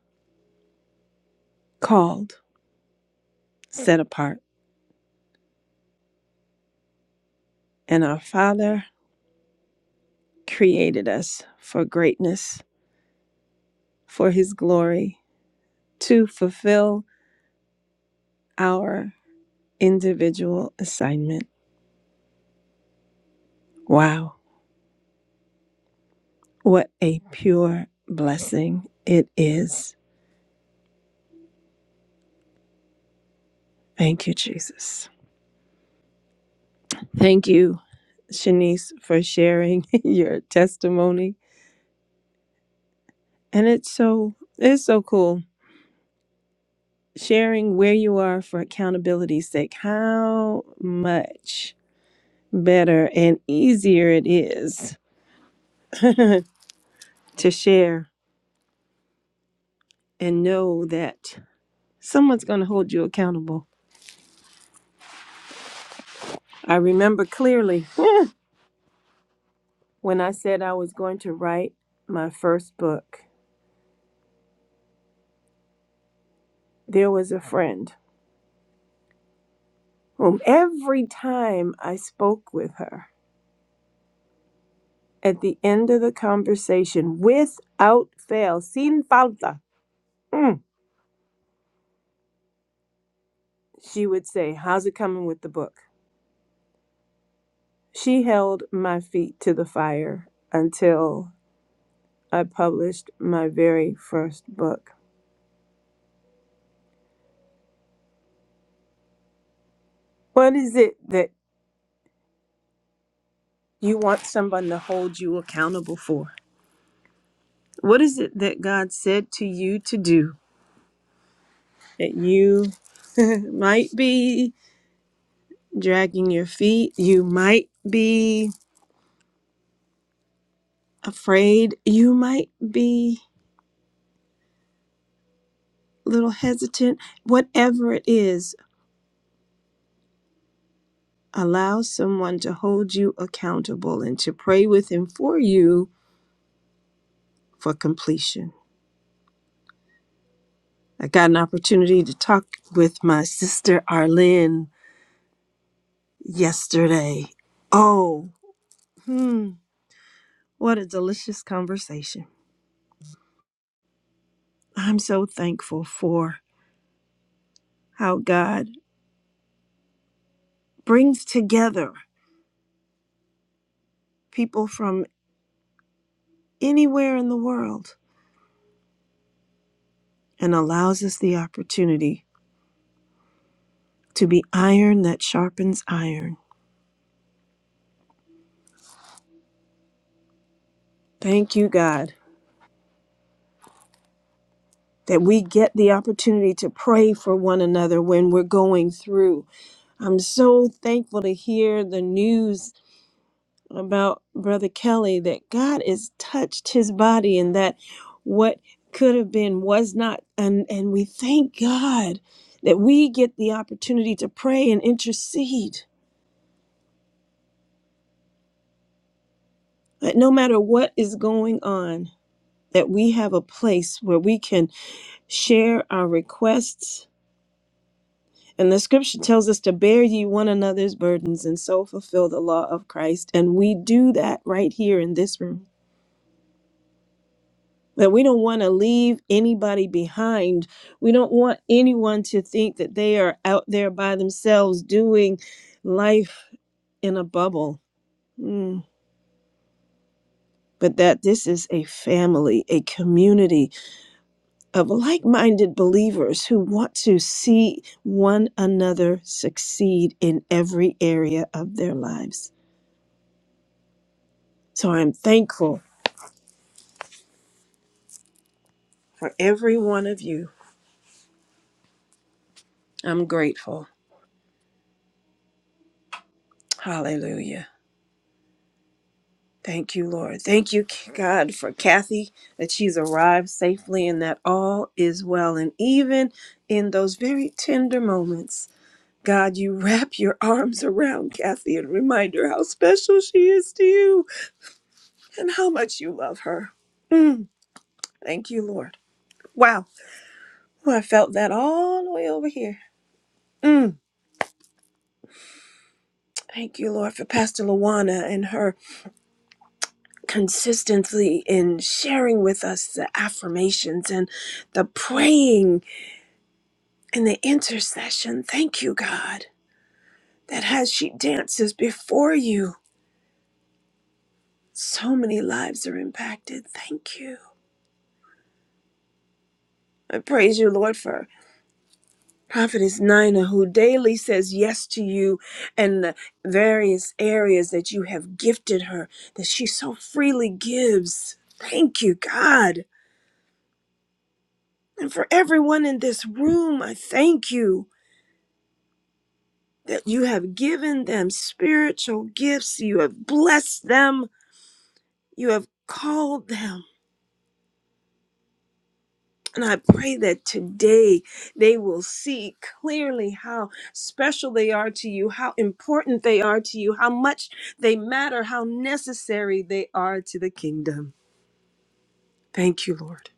Speaker 1: called, set apart. And our Father created us for greatness, for His glory, to fulfill our individual assignment. Wow, what a pure blessing it is. Thank you, Jesus. Thank you Shanice, for sharing your testimony. And it's so it's so cool sharing where you are for accountability's sake. How much better and easier it is to share and know that someone's going to hold you accountable. I remember clearly when I said I was going to write my first book. There was a friend whom every time I spoke with her at the end of the conversation without fail, sin falta, mm, she would say, How's it coming with the book? She held my feet to the fire until I published my very first book. What is it that you want someone to hold you accountable for? What is it that God said to you to do that you might be dragging your feet? You might be afraid. You might be little hesitant, whatever it is, allow someone to hold you accountable and to pray with him for you for completion. I got an opportunity to talk with my sister Arlene yesterday. Oh, hmm, what a delicious conversation. I'm so thankful for how God brings together people from anywhere in the world and allows us the opportunity to be iron that sharpens iron Thank you, God, that we get the opportunity to pray for one another when we're going through. I'm so thankful to hear the news about Brother Kelly that God has touched his body and that what could have been was not. And, and we thank God that we get the opportunity to pray and intercede. That no matter what is going on, that we have a place where we can share our requests And the scripture tells us to bear ye one another's burdens and so fulfill the law of Christ. And we do that right here in this room. That we don't want to leave anybody behind. We don't want anyone to think that they are out there by themselves doing life in a bubble. Mm. But that this is a family, a community of like minded believers who want to see one another succeed in every area of their lives. So I'm thankful for every one of you. I'm grateful. Hallelujah. Thank you, Lord. Thank you, God, for Kathy that she's arrived safely and that all is well. And even in those very tender moments, God, you wrap your arms around Kathy and remind her how special she is to you and how much you love her. Mm, thank you, Lord. Wow. Well, I felt that all the way over here. Mm, thank you, Lord, for Pastor Luana and her consistently in sharing with us the affirmations and the praying and the intercession. Thank you, God, that as she dances before you, so many lives are impacted. Thank you. I praise you, Lord, for Prophetess Nina, who daily says yes to you and the various areas that you have gifted her, that she so freely gives. Thank you, God. And for everyone in this room, I thank you that you have given them spiritual gifts, you have blessed them, you have called them. And I pray that today they will see clearly how special they are to you, how important they are to you, how much they matter, how necessary they are to the kingdom. Thank you, Lord.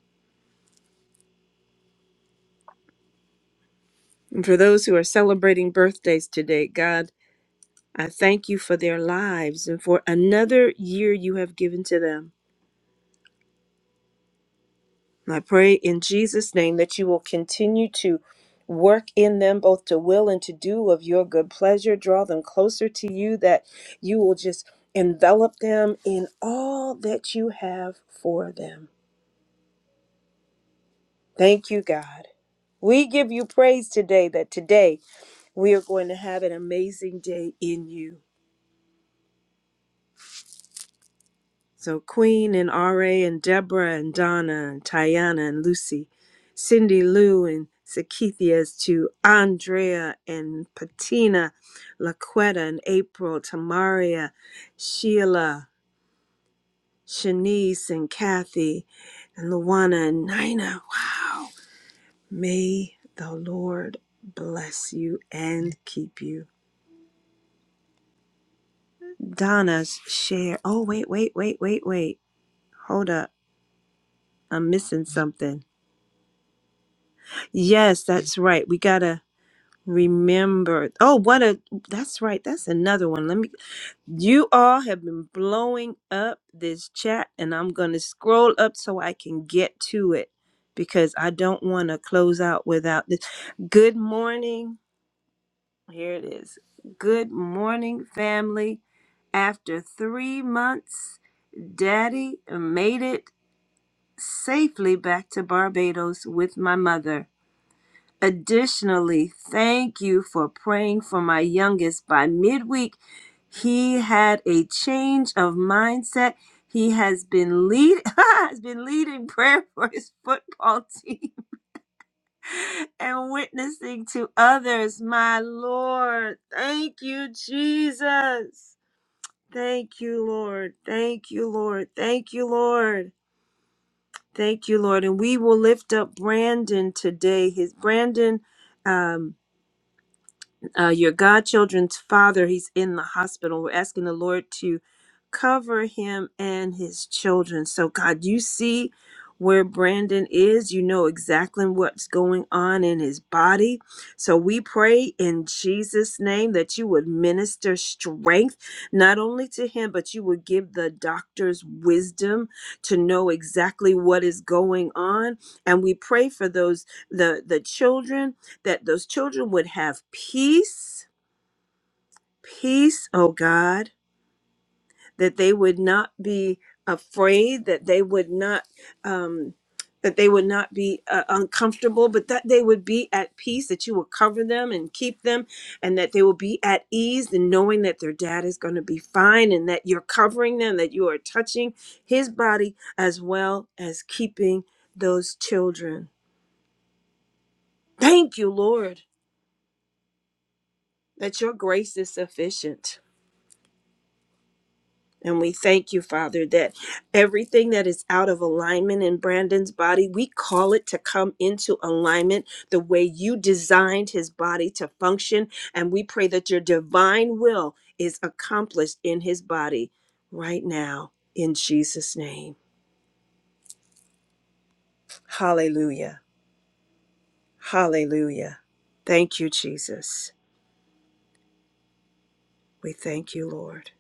Speaker 1: And for those who are celebrating birthdays today, God, I thank you for their lives and for another year you have given to them. I pray in Jesus' name that you will continue to work in them both to will and to do of your good pleasure. Draw them closer to you, that you will just envelop them in all that you have for them. Thank you, God. We give you praise today that today we are going to have an amazing day in you. So Queen and R.A. and Deborah and Donna and Tiana and Lucy, Cindy Lou and Sakithias to Andrea and Patina, Laquetta and April, Tamaria, Sheila, Shanice and Kathy and Luana and Nina. Wow. May the Lord bless you and keep you. Donna's share. Oh, wait, wait, wait, wait, wait. Hold up. I'm missing something. Yes, that's right. We gotta remember. Oh, what a that's right. That's another one. Let me you all have been blowing up this chat and I'm gonna scroll up so I can get to it because I don't wanna close out without this. Good morning. Here it is. Good morning, family. After three months, Daddy made it safely back to Barbados with my mother. Additionally, thank you for praying for my youngest. By midweek, he had a change of mindset. He has been lead has been leading prayer for his football team and witnessing to others. My Lord, thank you, Jesus. Thank you, Lord. Thank you, Lord. Thank you, Lord. Thank you, Lord. And we will lift up Brandon today. His Brandon. um. uh, your godchildren's father. He's in the hospital. We're asking the Lord to cover him and his children. So, God, you see where Brandon is. You know exactly what's going on in his body. So, we pray in Jesus' name that you would minister strength not only to him, but you would give the doctors wisdom to know exactly what is going on. And we pray for those the the children that those children would have peace, peace, oh God, that they would not be afraid, that they would not, um, that they would not be uh, uncomfortable, but that they would be at peace, that you will cover them and keep them, and that they will be at ease in knowing that their dad is going to be fine and that you're covering them, that you are touching his body as well as keeping those children. Thank you, Lord, that your grace is sufficient. And we thank you, Father, that everything that is out of alignment in Brandon's body, we call it to come into alignment the way you designed his body to function. And we pray that your divine will is accomplished in his body right now, in Jesus' name. Hallelujah. Hallelujah. Thank you, Jesus. We thank you, Lord.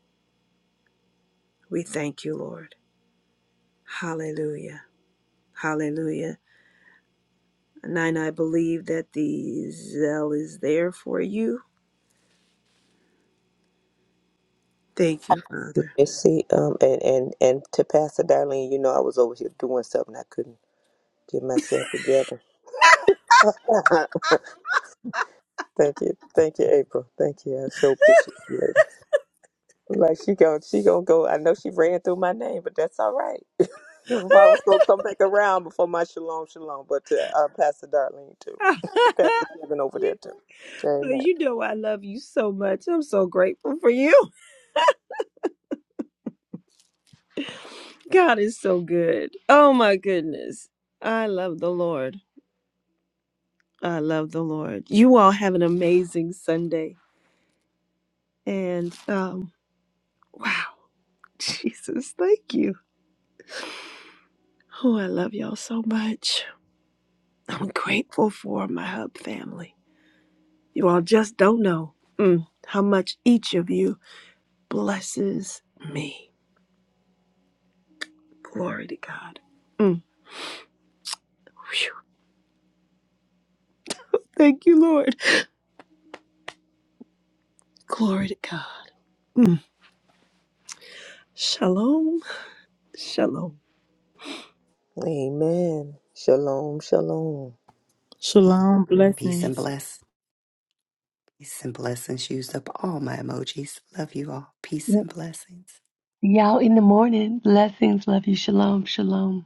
Speaker 1: We thank you, Lord. Hallelujah. Hallelujah. Nine, I believe that the zeal is there for you. Thank you, Father.
Speaker 2: You see, um, and and and to Pastor Darlene, you know, I was over here doing something. I couldn't get myself together. thank you, thank you, April. Thank you. I so appreciate you, lady. Like she going she gonna go. I know she ran through my name, but that's all right. I was gonna come back around before my shalom, shalom. But to uh, Pastor Darlene too, Pastor Kevin over there
Speaker 1: you,
Speaker 2: too. Amen.
Speaker 1: you know I love you so much. I'm so grateful for you. God is so good. Oh my goodness. I love the Lord. I love the Lord. You all have an amazing Sunday. And um wow, Jesus, thank you. Oh, I love y'all so much. I'm grateful for my hub family. You all just don't know mm, how much each of you blesses me. Glory to God. Mm. Whew. Thank you, Lord. Glory to God. Shalom. Shalom.
Speaker 2: Amen. Shalom, shalom.
Speaker 5: Shalom.
Speaker 4: Peace and
Speaker 5: Blessings.
Speaker 4: bless. Peace and blessings. Used up all my emojis. Love you all. Peace and blessings.
Speaker 3: Y'all in the morning. Blessings. Love you. Shalom. Shalom.